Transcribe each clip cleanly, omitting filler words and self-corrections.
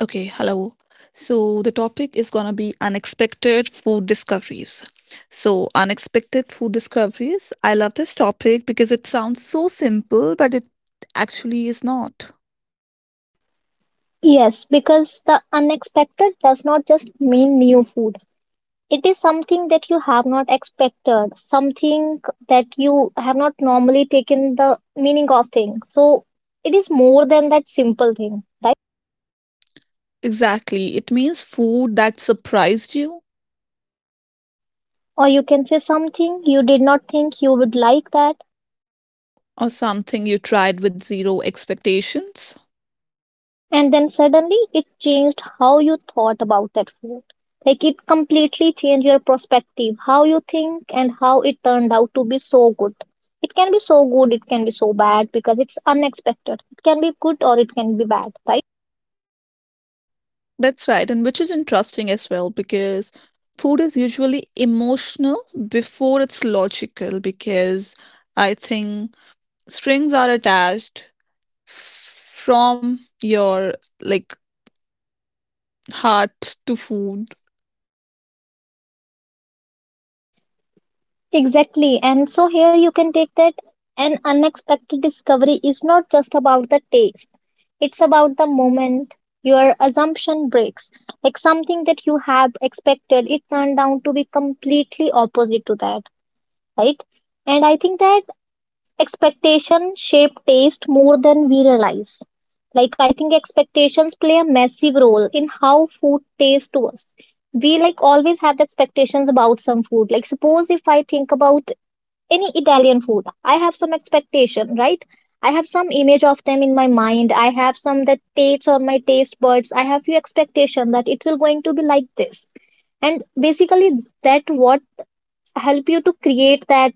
Okay, hello. So the topic is gonna be unexpected food discoveries. So unexpected food discoveries. I love this topic because it sounds so simple, but it actually is not. Yes, because the unexpected does not just mean new food. It is something that you have not expected, something that you have not normally taken the meaning of thing. So it is more than that simple thing. Exactly. It means food that surprised you Or you can say something you did not think you would like that, or something you tried with zero expectations. and then suddenly it changed how you thought about that food. Like it completely changed your perspective, how you think, and how it turned out to be so good. It can be so good, it can be so bad because it's unexpected. It can be good or it can be bad, right? That's right, and which is interesting as well because food is usually emotional before it's logical because I think strings are attached from your like heart to food. Exactly. And so here you can take that an unexpected discovery is not just about the taste, it's about the moment your assumption breaks. Like something that you have expected, it turned out to be completely opposite to that, right? And I think that expectation shape taste more than we realize. Like I think expectations play a massive role in how food tastes to us. We like always have the expectations about some food. Like suppose if I think about any Italian food, I have some expectation, right? I have some image of them in my mind. I have some that tastes on my taste buds. I have few expectation that it will going to be like this. And basically that what help you to create that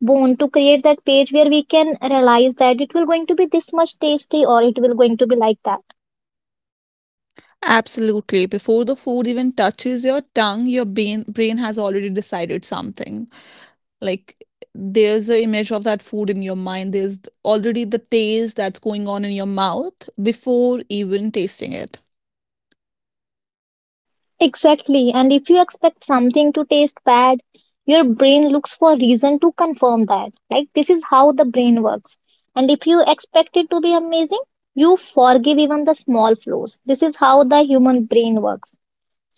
bone, to create that page where we can realize that it will going to be this much tasty or it will going to be like that. Absolutely. Before the food even touches your tongue, your brain has already decided something. Like there's an image of that food in your mind. There's already the taste that's going on in your mouth before even tasting it. Exactly, and if you expect something to taste bad, your brain looks for reason to confirm that, like this is how the brain works. And if you expect it to be amazing, you forgive even the small flaws. This is how the human brain works.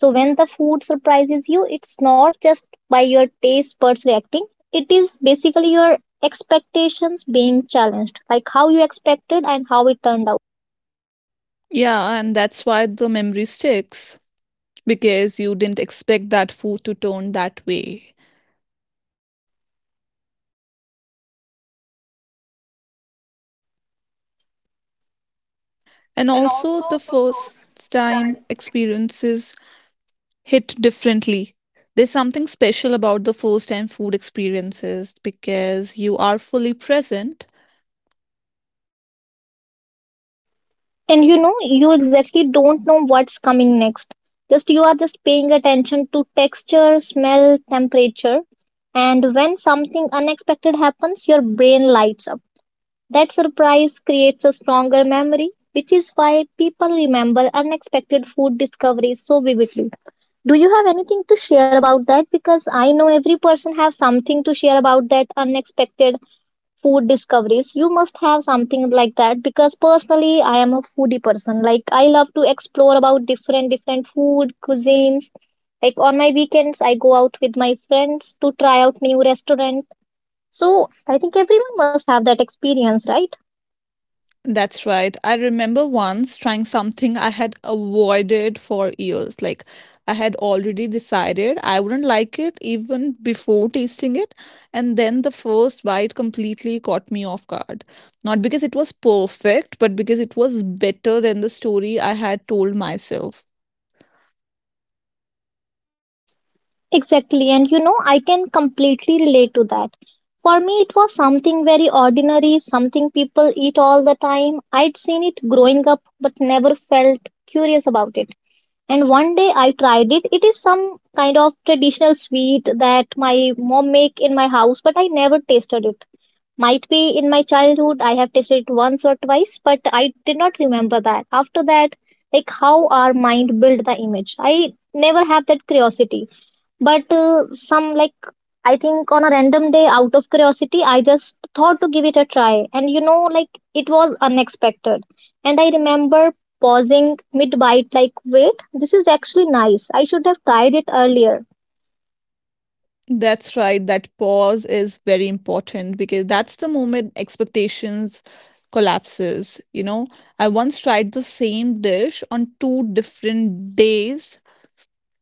So when the food surprises you, it's not just by your taste buds reacting. It is basically your expectations being challenged, like how you expected and how it turned out. Yeah, and that's why the memory sticks, because you didn't expect that food to turn that way. And also, the first time experiences hit differently. There's something special about the first time food experiences because you are fully present. And you know, you exactly don't know what's coming next. Just you are just paying attention to texture, smell, temperature. And when something unexpected happens, your brain lights up. That surprise creates a stronger memory, which is why people remember unexpected food discoveries so vividly. Do you have anything to share about that? Because I know every person have something to share about that unexpected food discoveries. You must have something like that because personally I am a foodie person. Like I love to explore about different food cuisines. Like on my weekends I go out with my friends to try out new restaurant. So I think everyone must have that experience, right? That's right. I remember once trying something I had avoided for years. Like, I had already decided I wouldn't like it even before tasting it. And then the first bite completely caught me off guard. Not because it was perfect, but because it was better than the story I had told myself. Exactly, and you know, I can completely relate to that. For me, it was something very ordinary, something people eat all the time. I'd seen it growing up, but never felt curious about it. And one day I tried it. It is some kind of traditional sweet that my mom make in my house, but I never tasted it. Might be in my childhood I have tasted it once or twice, but I did not remember that. After that, like how our mind build the image. I never have that curiosity, but some like I think on a random day out of curiosity I just thought to give it a try, and you know like it was unexpected. And I remember pausing mid bite like wait, this is actually nice. I should have tried it earlier. That's right. That pause is very important because that's the moment expectations collapses, you know. I once tried the same dish on two different days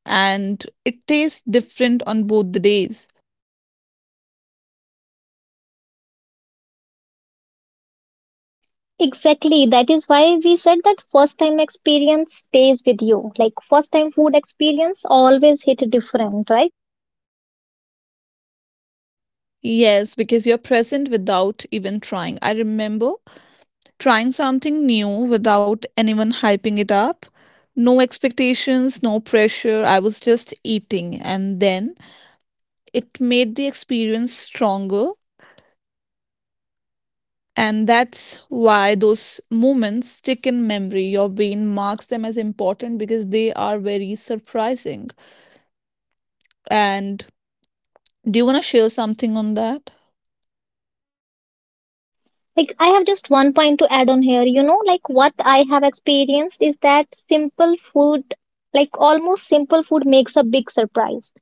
and it tastes different on both the days. Exactly. That is why we said that first time experience stays with you. Like first time food experience always hit different, right? Yes, because you're present without even trying. I remember trying something new without anyone hyping it up. No expectations, no pressure. I was just eating. And then it made the experience stronger. And that's why those moments stick in memory. Your brain marks them as important because they are very surprising. And do you want to share something on that? Like, I have just one point to add on here. You know, like what I have experienced is that simple food, like almost simple food, makes a big surprise.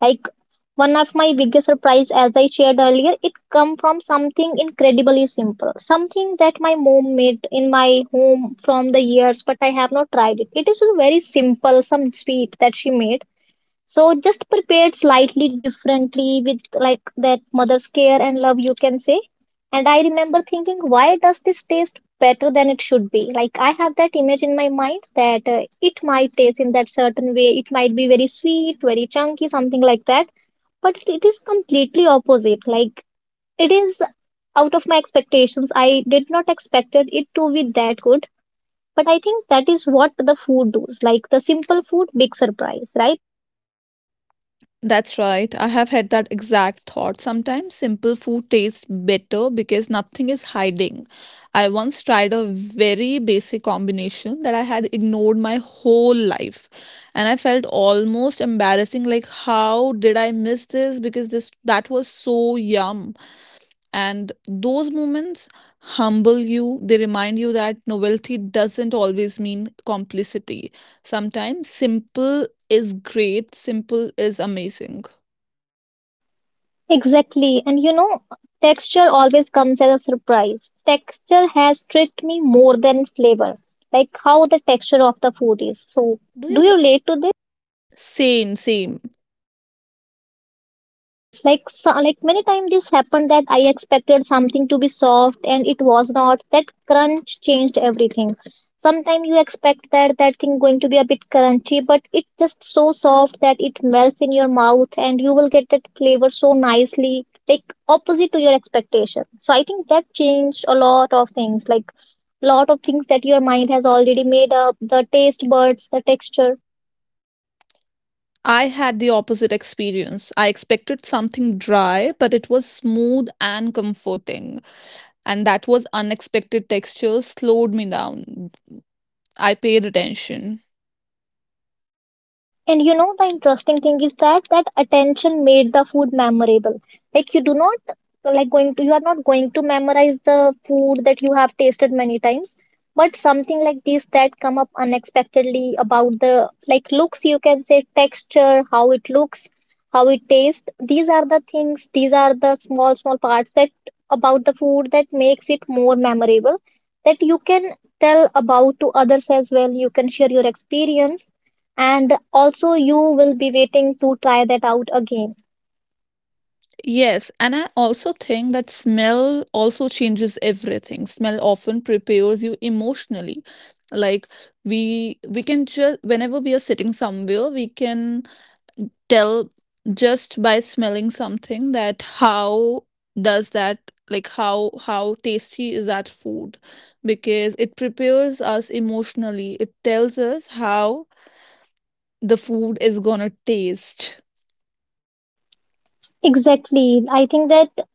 Like, one of my biggest surprise, as I shared earlier, it come from something incredibly simple, something that my mom made in my home from the years, but I have not tried it. It is a very simple, some sweet that she made, so just prepared slightly differently with like that mother's care and love, you can say. And I remember thinking, why does this taste better than it should be? Like I have that image in my mind that it might taste in that certain way. It might be very sweet, very chunky, something like that. But it is completely opposite. Like it is out of my expectations. I did not expected it to be that good. But I think that is what the food does. Like the simple food, big surprise, right? That's right. I have had that exact thought. Sometimes simple food tastes better because nothing is hiding. I once tried a very basic combination that I had ignored my whole life. And I felt almost embarrassing like how did I miss this because this that was so yum. And those moments humble you. They remind you that novelty doesn't always mean complicity. Sometimes simple is great, simple is amazing. Exactly. And you know, texture always comes as a surprise. Texture has tricked me more than flavor, like how the texture of the food is. So, Do do you— you relate to this? same, same. Yes, like so, like many times this happened that I expected something to be soft and it was not. That crunch changed everything. Sometimes you expect that that thing going to be a bit crunchy, but it just so soft that it melts in your mouth and you will get that flavor so nicely, like opposite to your expectation. So I think that changed a lot of things, like lot of things that your mind has already made up, the taste buds, the texture. I had the opposite experience. I expected something dry, but it was smooth and comforting. And that was unexpected texture slowed me down. I paid attention. And you know, the interesting thing is that that attention made the food memorable. Like you do not like going to you are not going to memorize the food that you have tasted many times, but something like this that come up unexpectedly about the like looks you can say texture, how it looks, how it tastes. These are the things, these are the small parts that about the food that makes it more memorable, that you can tell about to others as well. You can share your experience, and also you will be waiting to try that out again. Yes, and I also think that smell also changes everything. Smell often prepares you emotionally. Like we can just whenever we are sitting somewhere, we can tell just by smelling something that how does that like how tasty is that food, because it prepares us emotionally. It tells us how the food is gonna taste. Exactly, I think that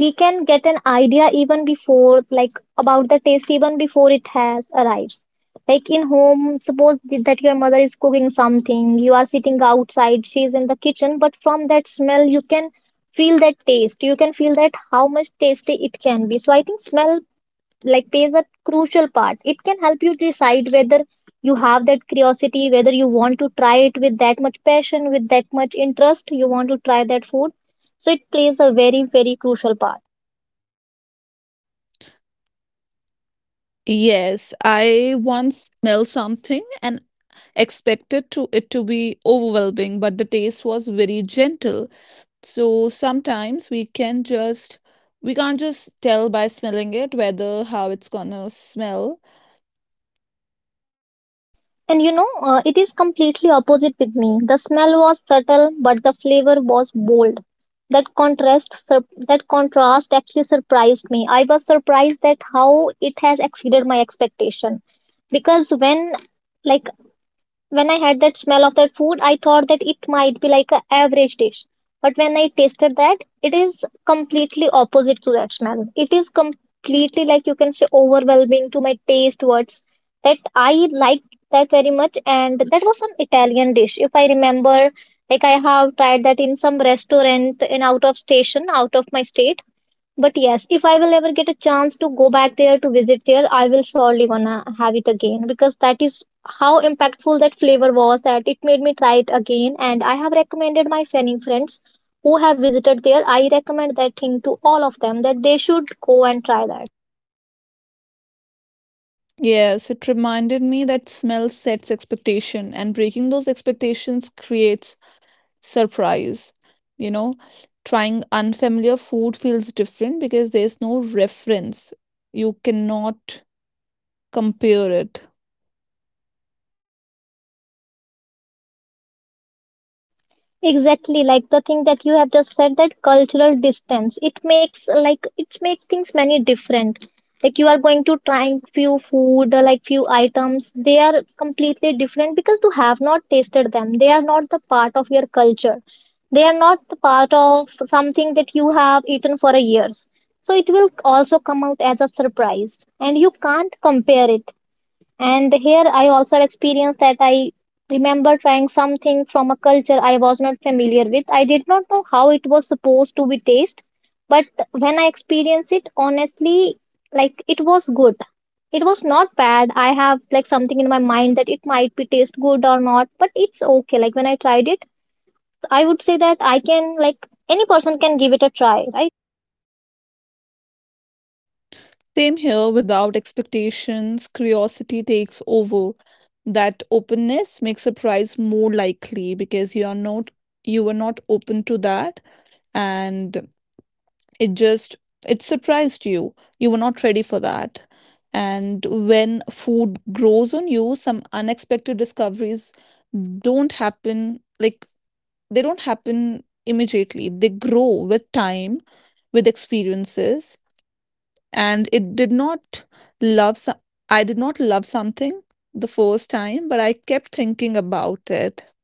we can get an idea even before like about the taste even before it has arrives, like in home suppose that your mother is cooking something, you are sitting outside, she is in the kitchen, but from that smell you can feel that taste, you can feel that how much tasty it can be. So I think smell like plays a crucial part. It can help you decide whether you have that curiosity, whether you want to try it with that much passion, with that much interest, you want to try that food. So it plays a very, very crucial part. Yes, I once smelled something and expected to it to be overwhelming, but the taste was very gentle. So sometimes we can just, we can't just tell by smelling it whether how it's gonna smell. And you know, it is completely opposite with me. The smell was subtle, but the flavor was bold. That contrast, that contrast actually surprised me. I was surprised that how it has exceeded my expectation because when like when I had that smell of that food, I thought that it might be like an average dish. But when I tasted that, it is completely opposite to that smell. It is completely like you can say overwhelming to my taste words. That I like that very much, and that was some Italian dish, if I remember. Like I have tried that in some restaurant in out of station, out of my state, but yes, if I will ever get a chance to go back there to visit there, I will surely gonna have it again because that is how impactful that flavor was that it made me try it again. And I have recommended my many friends who have visited there. I recommend that thing to all of them that they should go and try that. Yes, it reminded me that smell sets expectation, and breaking those expectations creates surprise. You know, trying unfamiliar food feels different because there's no reference. You cannot compare it. Exactly, like the thing that you have just said, that cultural distance. It makes like it makes things many different. Like you are going to try few food, or like few items, they are completely different because you have not tasted them. They are not the part of your culture. They are not the part of something that you have eaten for a years. So it will also come out as a surprise, and you can't compare it. And here I also have experienced that I remember trying something from a culture I was not familiar with. I did not know how it was supposed to be taste, but when I experienced it, honestly, like it was good. It was not bad. I have like something in my mind that it might be taste good or not, but it's okay. Like when I tried it, I would say that I can like any person can give it a try, right? Same here, without expectations, curiosity takes over. That openness makes surprise more likely because you are not, you were not open to that, and it just, it surprised you. You were not ready for that. And when food grows on you, some unexpected discoveries don't happen like, they don't happen immediately. They grow with time, with experiences, and it did not love so- I did not love something the first time, but I kept thinking about it.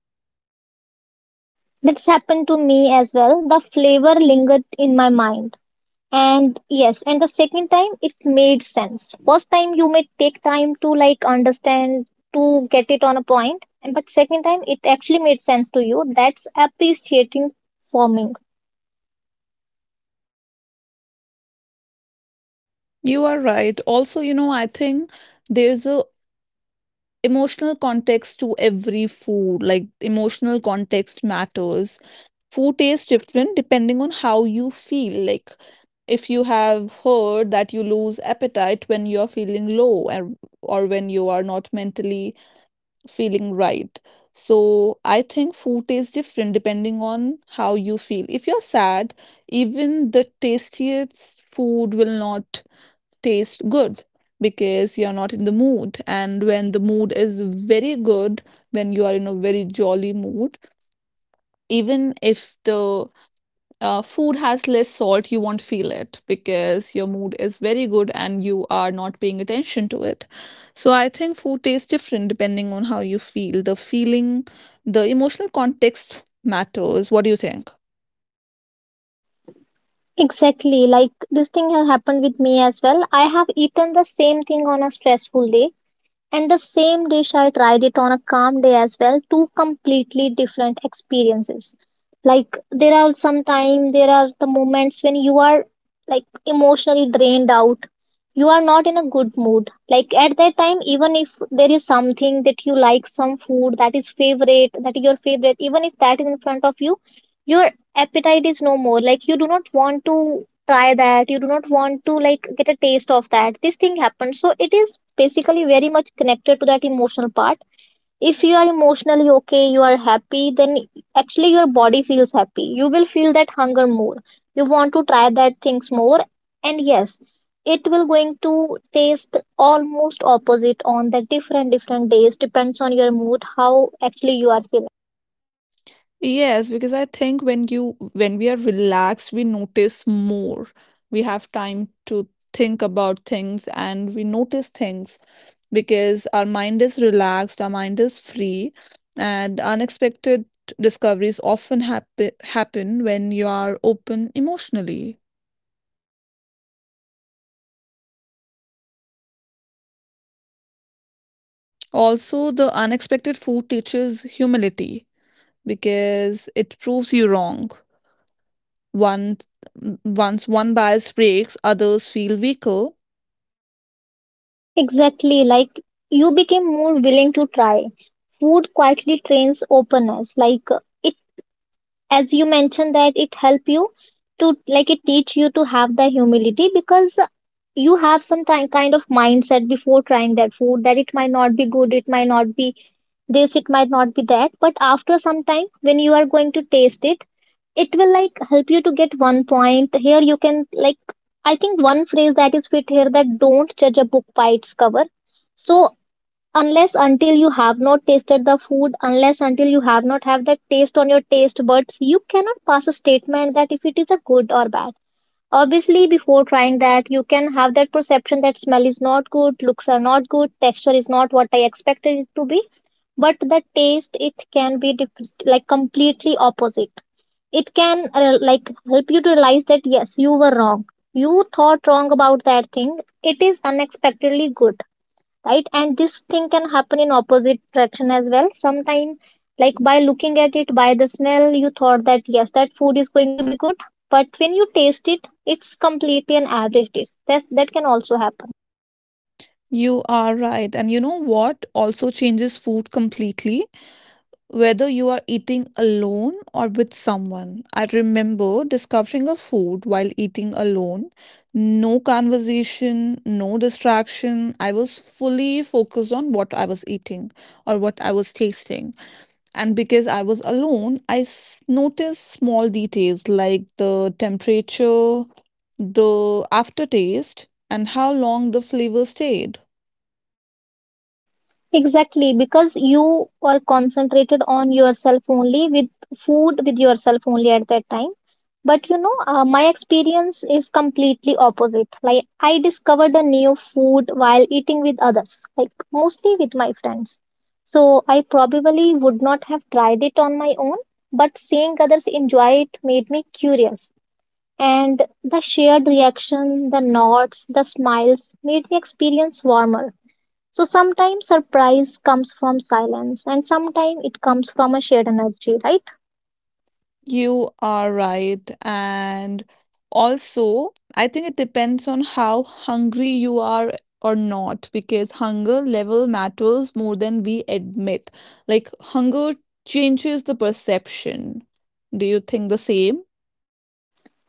That's happened to me as well. The flavor lingered in my mind, and yes, and the second time it made sense. First time you may take time to like understand, to get it on a point, and but second time it actually made sense to you. That's appreciating forming. You are right also, you know, I think there's a emotional context to every food, like emotional context matters. Food tastes different depending on how you feel. Like if you have heard that you lose appetite when you are feeling low, and or when you are not mentally feeling right. So I think food tastes different depending on how you feel. If you're sad, even the tastiest food will not taste good because you're not in the mood. And when the mood is very good, when you are in a very jolly mood, even if the food has less salt, you won't feel it because your mood is very good and you are not paying attention to it. So I think food tastes different depending on how you feel. The feeling, the emotional context matters. What do you think? Exactly, like this thing has happened with me as well. I have eaten the same thing on a stressful day. And the same dish, I tried it on a calm day as well. Two completely different experiences. Like there are some time, there are the moments when you are like emotionally drained out. You are not in a good mood. Like at that time, even if there is something that you like, some food that is favorite, that is your favorite, even if that is in front of you, your appetite is no more. Like you do not want to try that, you do not want to like get a taste of that. This thing happens, so it is basically very much connected to that emotional part. If you are emotionally okay, you are happy, then actually your body feels happy, you will feel that hunger more, you want to try that things more. And yes, it will going to taste almost opposite on the different different days, depends on your mood, how actually you are feeling. Yes, because I think when you, when we are relaxed, we notice more. We have time to think about things and we notice things because our mind is relaxed, our mind is free, and unexpected discoveries often happen when you are open emotionally. Also, the unexpected food teaches humility because it proves you wrong. Once once one bias breaks, others feel weaker. Exactly, like you became more willing to try. Food quietly trains openness. Like as you mentioned, that it help you to, like, it teach you to have the humility, because you have some kind of mindset before trying that food, that it might not be good, it might not be this, it might not be that. But after some time, when you are going to taste it, it will like help you to get one point here, you can like, I think one phrase that is fit here, that don't judge a book by its cover. So unless until you have not tasted the food, unless until you have not have that taste on your taste buds, you cannot pass a statement that if it is a good or bad. Obviously before trying that, you can have that perception that smell is not good, looks are not good, texture is not what I expected it to be. But the taste, it can be like completely opposite. It can like help you to realize that yes, you were wrong, you thought wrong about that thing, it is unexpectedly good, right? And this thing can happen in opposite direction as well. Sometimes, like by looking at it, by the smell, you thought that yes, that food is going to be good, but when you taste it, it's completely an average taste. That can also happen. You are right. And you know what also changes food completely? Whether you are eating alone or with someone. I remember discovering a food while eating alone. No conversation, no distraction. I was fully focused on what I was eating or what I was tasting. And because I was alone, noticed small details like the temperature, the aftertaste, and how long the flavor stayed. Exactly, because you were concentrated on yourself only, with food, with yourself only at that time. But you know, my experience is completely opposite. Like, I discovered a new food while eating with others, like mostly with my friends. So, I probably would not have tried it on my own, but seeing others enjoy it made me curious. And the shared reaction, the nods, the smiles made me experience warmer. So sometimes surprise comes from silence and sometimes it comes from a shared energy, right? You are right. And also, I think it depends on how hungry you are or not, because hunger level matters more than we admit. Like, hunger changes the perception. Do you think the same?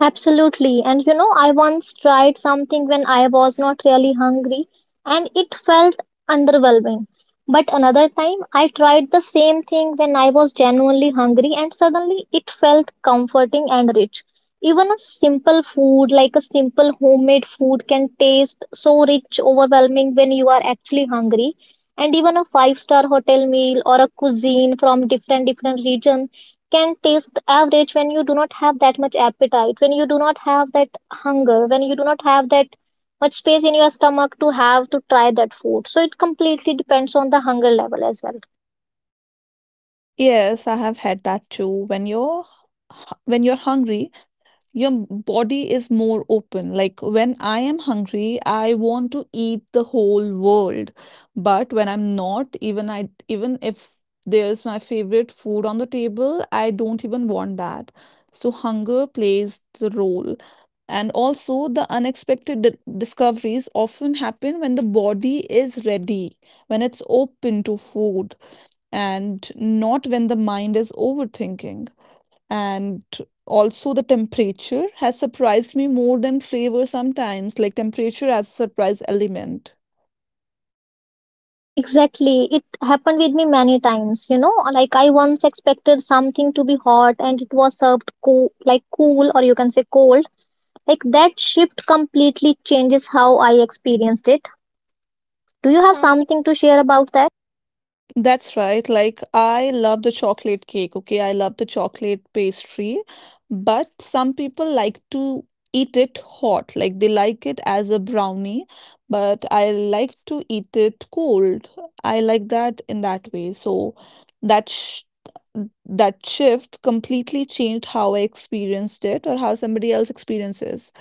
Absolutely. And you know, I once tried something when I was not really hungry and it felt underwhelming. But another time, I tried the same thing when I was genuinely hungry and suddenly it felt comforting and rich. Even a simple food, like a simple homemade food, can taste so rich, overwhelming when you are actually hungry. And even a five-star hotel meal or a cuisine from different different region can taste the average when you do not have that much appetite, when you do not have that hunger, when you do not have that much space in your stomach to have to try that food. So it completely depends on the hunger level as well. Yes, I have had that too. When you're hungry, your body is more open. Like when I am hungry, I want to eat the whole world. But when I'm not, even if there's my favorite food on the table, I don't even want that. So hunger plays the role. And also, the discoveries often happen when the body is ready, when it's open to food and not when the mind is overthinking. And also, the temperature has surprised me more than flavor sometimes, like temperature as a surprise element. Exactly. It happened with me many times, you know, like I once expected something to be hot and it was served cool, like cool, or you can say cold. Like that shift completely changes how I experienced it. Do Do you you have have some? something to share about that? That's right. Like, I love the chocolate cake, okay? I love the chocolate pastry, but some people like to eat it hot. Like, they like it as a brownie, but I like to eat it cold. I like that in that way. So, that sh that shift completely changed how I experienced it or how somebody else experiences.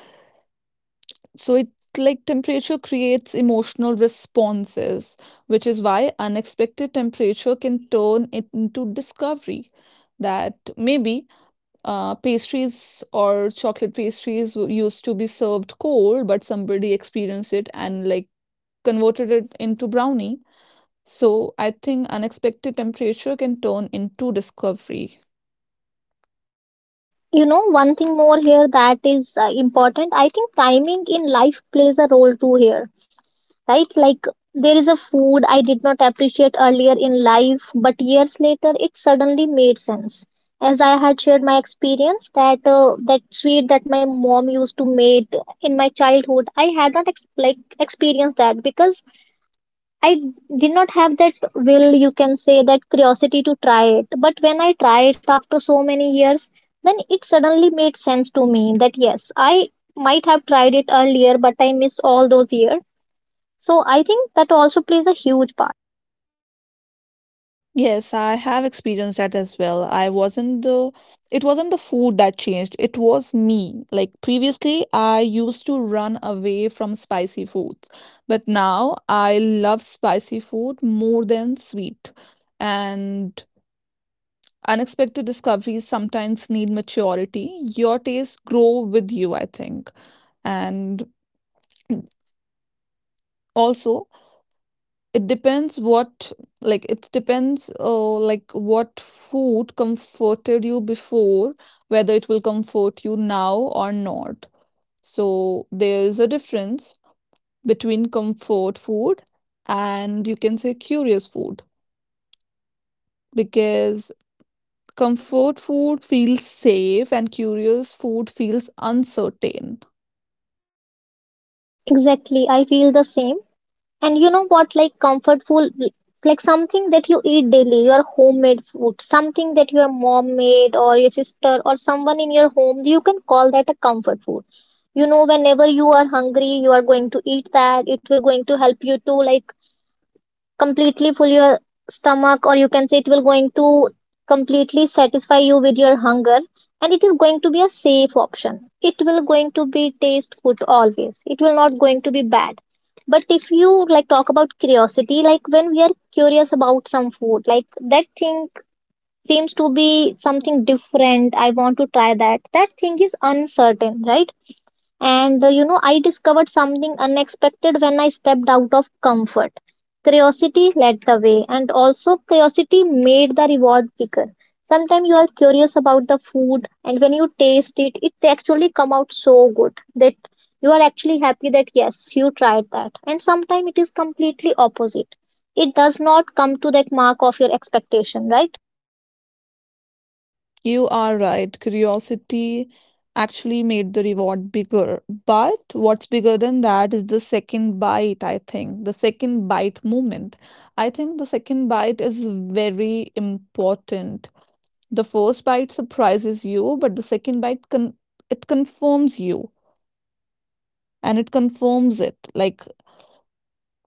So it's like temperature creates emotional responses, which is why unexpected temperature can turn it into discovery. That maybe pastries or chocolate used to be served cold, but somebody experienced it and like converted it into brownie. So I think unexpected temperature can turn into discovery. You know, one thing more here that is important. I think timing in life plays a role too here, right? Like there is a food I did not appreciate earlier in life, but years later it suddenly made sense. As I had shared my experience that that sweet that my mom used to make in my childhood, I had not like experienced that, because I did not have that will, you can say, that curiosity to try it. But when I try it after so many years, then it suddenly made sense to me that yes, I might have tried it earlier, but I miss all those years. So I think that also plays a huge part. Yes, I have experienced that as well. I wasn't the, it wasn't the food that changed. It was me. Like previously, I used to run away from spicy foods, but now I love spicy food more than sweet. And unexpected discoveries sometimes need maturity. Your tastes grow with you, I think. And also, it depends what, like, it depends, like, what food comforted you before, whether it will comfort you now or not. So, there is a difference between comfort food and you can say curious food. Because comfort food feels safe, and curious food feels uncertain. Exactly, I feel the same. And you know what, like comfort food, like something that you eat daily, your homemade food, something that your mom made or your sister or someone in your home, you can call that a comfort food. You know, whenever you are hungry, you are going to eat that. It will going to help you to like completely fill your stomach, or you can say it will going to completely satisfy you with your hunger, and it is going to be a safe option, it will going to be taste good always, it will not going to be bad. But if you like talk about curiosity, like when we are curious about some food, like that thing seems to be something different, I want to try that, that thing is uncertain, right? And you know, I discovered something unexpected when I stepped out of comfort. Curiosity led the way, and also curiosity made the reward bigger. Sometimes you are curious about the food, and when you taste it, it actually come out so good that you are actually happy that yes, you tried that. And sometimes it is completely opposite. It does not come to that mark of your expectation, right? You are right. Curiosity actually made the reward bigger. But what's bigger than that is the second bite, I think. The second bite moment. I think the second bite is very important. The first bite surprises you, but the second bite con it confirms you, and it confirms it like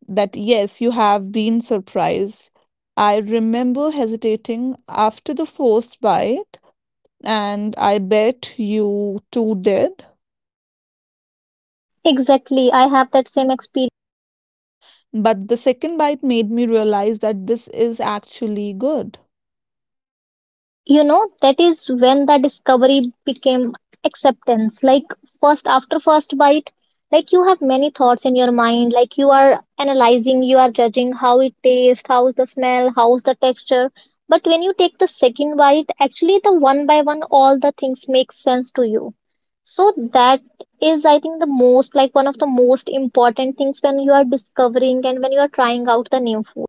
that yes, you have been surprised. I remember hesitating after the first bite, and I bet you two did. Exactly. I have that same experience. But the second bite made me realize that this is actually good. You know, that is when the discovery became acceptance. Like first, after first bite, like you have many thoughts in your mind, like you are analyzing, you are judging, how it tastes, how's the smell, how's the texture. But when you take the second bite, actually the one by one all the things make sense to you. So that is, I think, the most, like one of the most important things when you are discovering and when you are trying out the new food.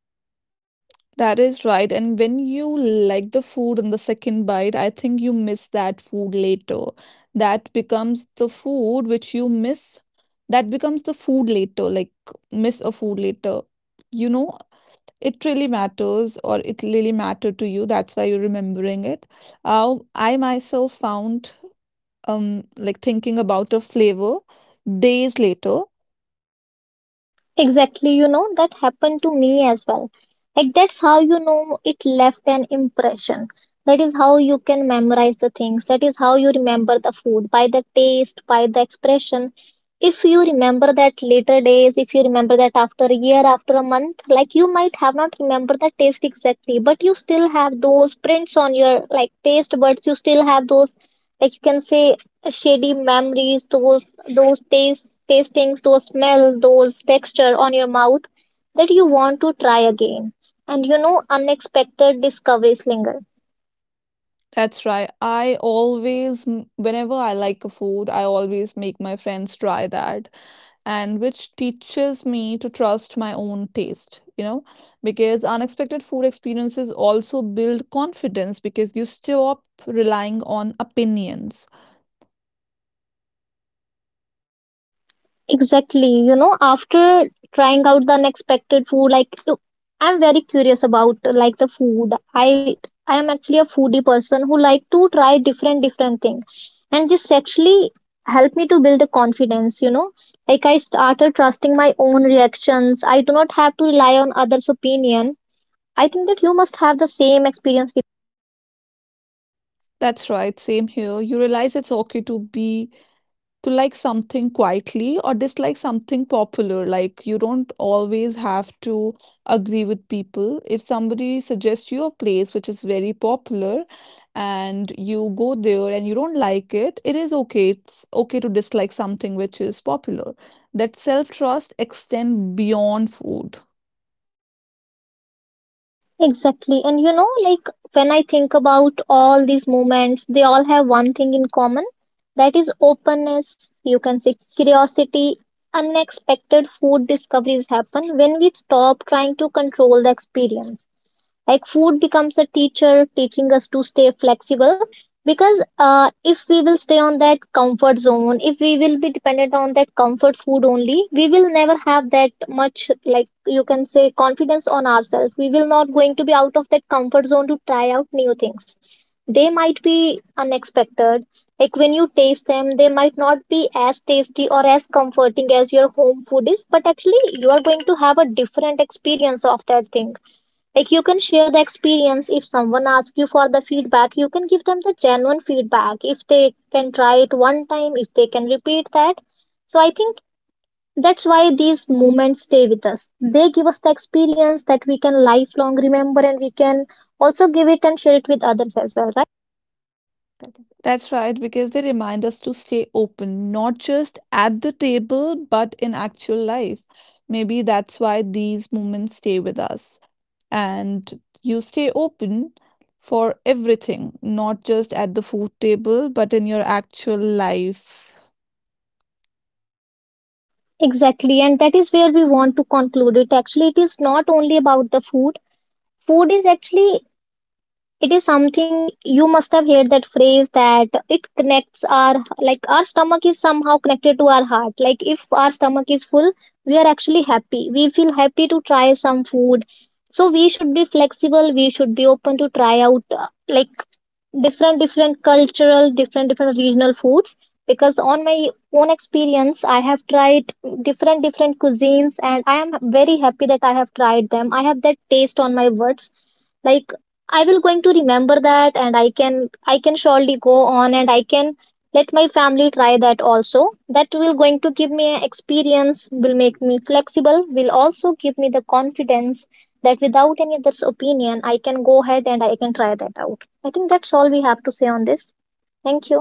That is right. And when you like the food in the second bite, I think you miss that food later. That becomes the food which you miss. That becomes the food later, like miss a food later. You know, it really matters or it really mattered to you. That's why you're remembering it. I myself found like thinking about a flavor days later. Exactly, you know, that happened to me as well. Like, that's how you know it left an impression. That is how you can memorize the things. That is how you remember the food, by the taste, by the expression. If you remember that later days, if you remember that after a year, after a month, like you might have not remembered the taste exactly, but you still have those prints on your like taste buds. You still have those, like you can say, shady memories, those taste tastings, those smell, those texture on your mouth, that you want to try again. And you know, unexpected discoveries linger. That's right, I whenever I like a food, I always make my friends try that, and which teaches me to trust my own taste, you know, because unexpected food experiences also build confidence because you stop relying on opinions. Exactly. You know, after trying out the unexpected food, like so, I'm very curious about like the food. I am actually a foodie person who like to try different different things, and this actually helped me to build a confidence. You know, like I started trusting my own reactions. I do not have to rely on others' opinion. I think that you must have the same experience. That's right, same here. You realize it's okay to be, to like something quietly or dislike something popular. Like you don't always have to agree with people. If somebody suggests you a place which is very popular and you go there and you don't like it is okay. It's okay to dislike something which is popular. That self trust extend beyond food. Exactly. And you know, like when I think about all these moments, they all have one thing in common, that is openness. You can say curiosity. Unexpected food discoveries happen when we stop trying to control the experience, like food becomes a teacher, teaching us to stay flexible, because if we will stay on that comfort zone, if we will be dependent on that comfort food only, we will never have that much, like you can say, confidence on ourselves, we will not going to be out of that comfort zone to try out new things. They might be unexpected. Like when you taste them, they might not be as tasty or as comforting as your home food is, but actually you are going to have a different experience of that thing. Like you can share the experience. If someone asks you for the feedback, you can give them the genuine feedback. If they can try it one time, if they can repeat that. So I think that's why these moments stay with us. They give us the experience that we can lifelong remember, and we can also give it and share it with others as well, right? That's right, because they remind us to stay open, not just at the table, but in actual life. Maybe that's why these moments stay with us. And you stay open for everything, not just at the food table, but in your actual life. Exactly, and that is where we want to conclude it. Actually, it is not only about the food. Food is actually, it is something you must have heard, that phrase that it connects our, like our stomach is somehow connected to our heart. Like if our stomach is full, we are actually happy. We feel happy to try some food. So we should be flexible. We should be open to try out, like different different cultural, different different regional foods. Because on my own experience, I have tried different different cuisines and I am very happy that I have tried them. I have that taste on my words. Like I will going to remember that, and I can surely go on, and I can let my family try that also. That will going to give me an experience, will make me flexible, will also give me the confidence that without any other's opinion I can go ahead and I can try that out. I think that's all we have to say on this. Thank you.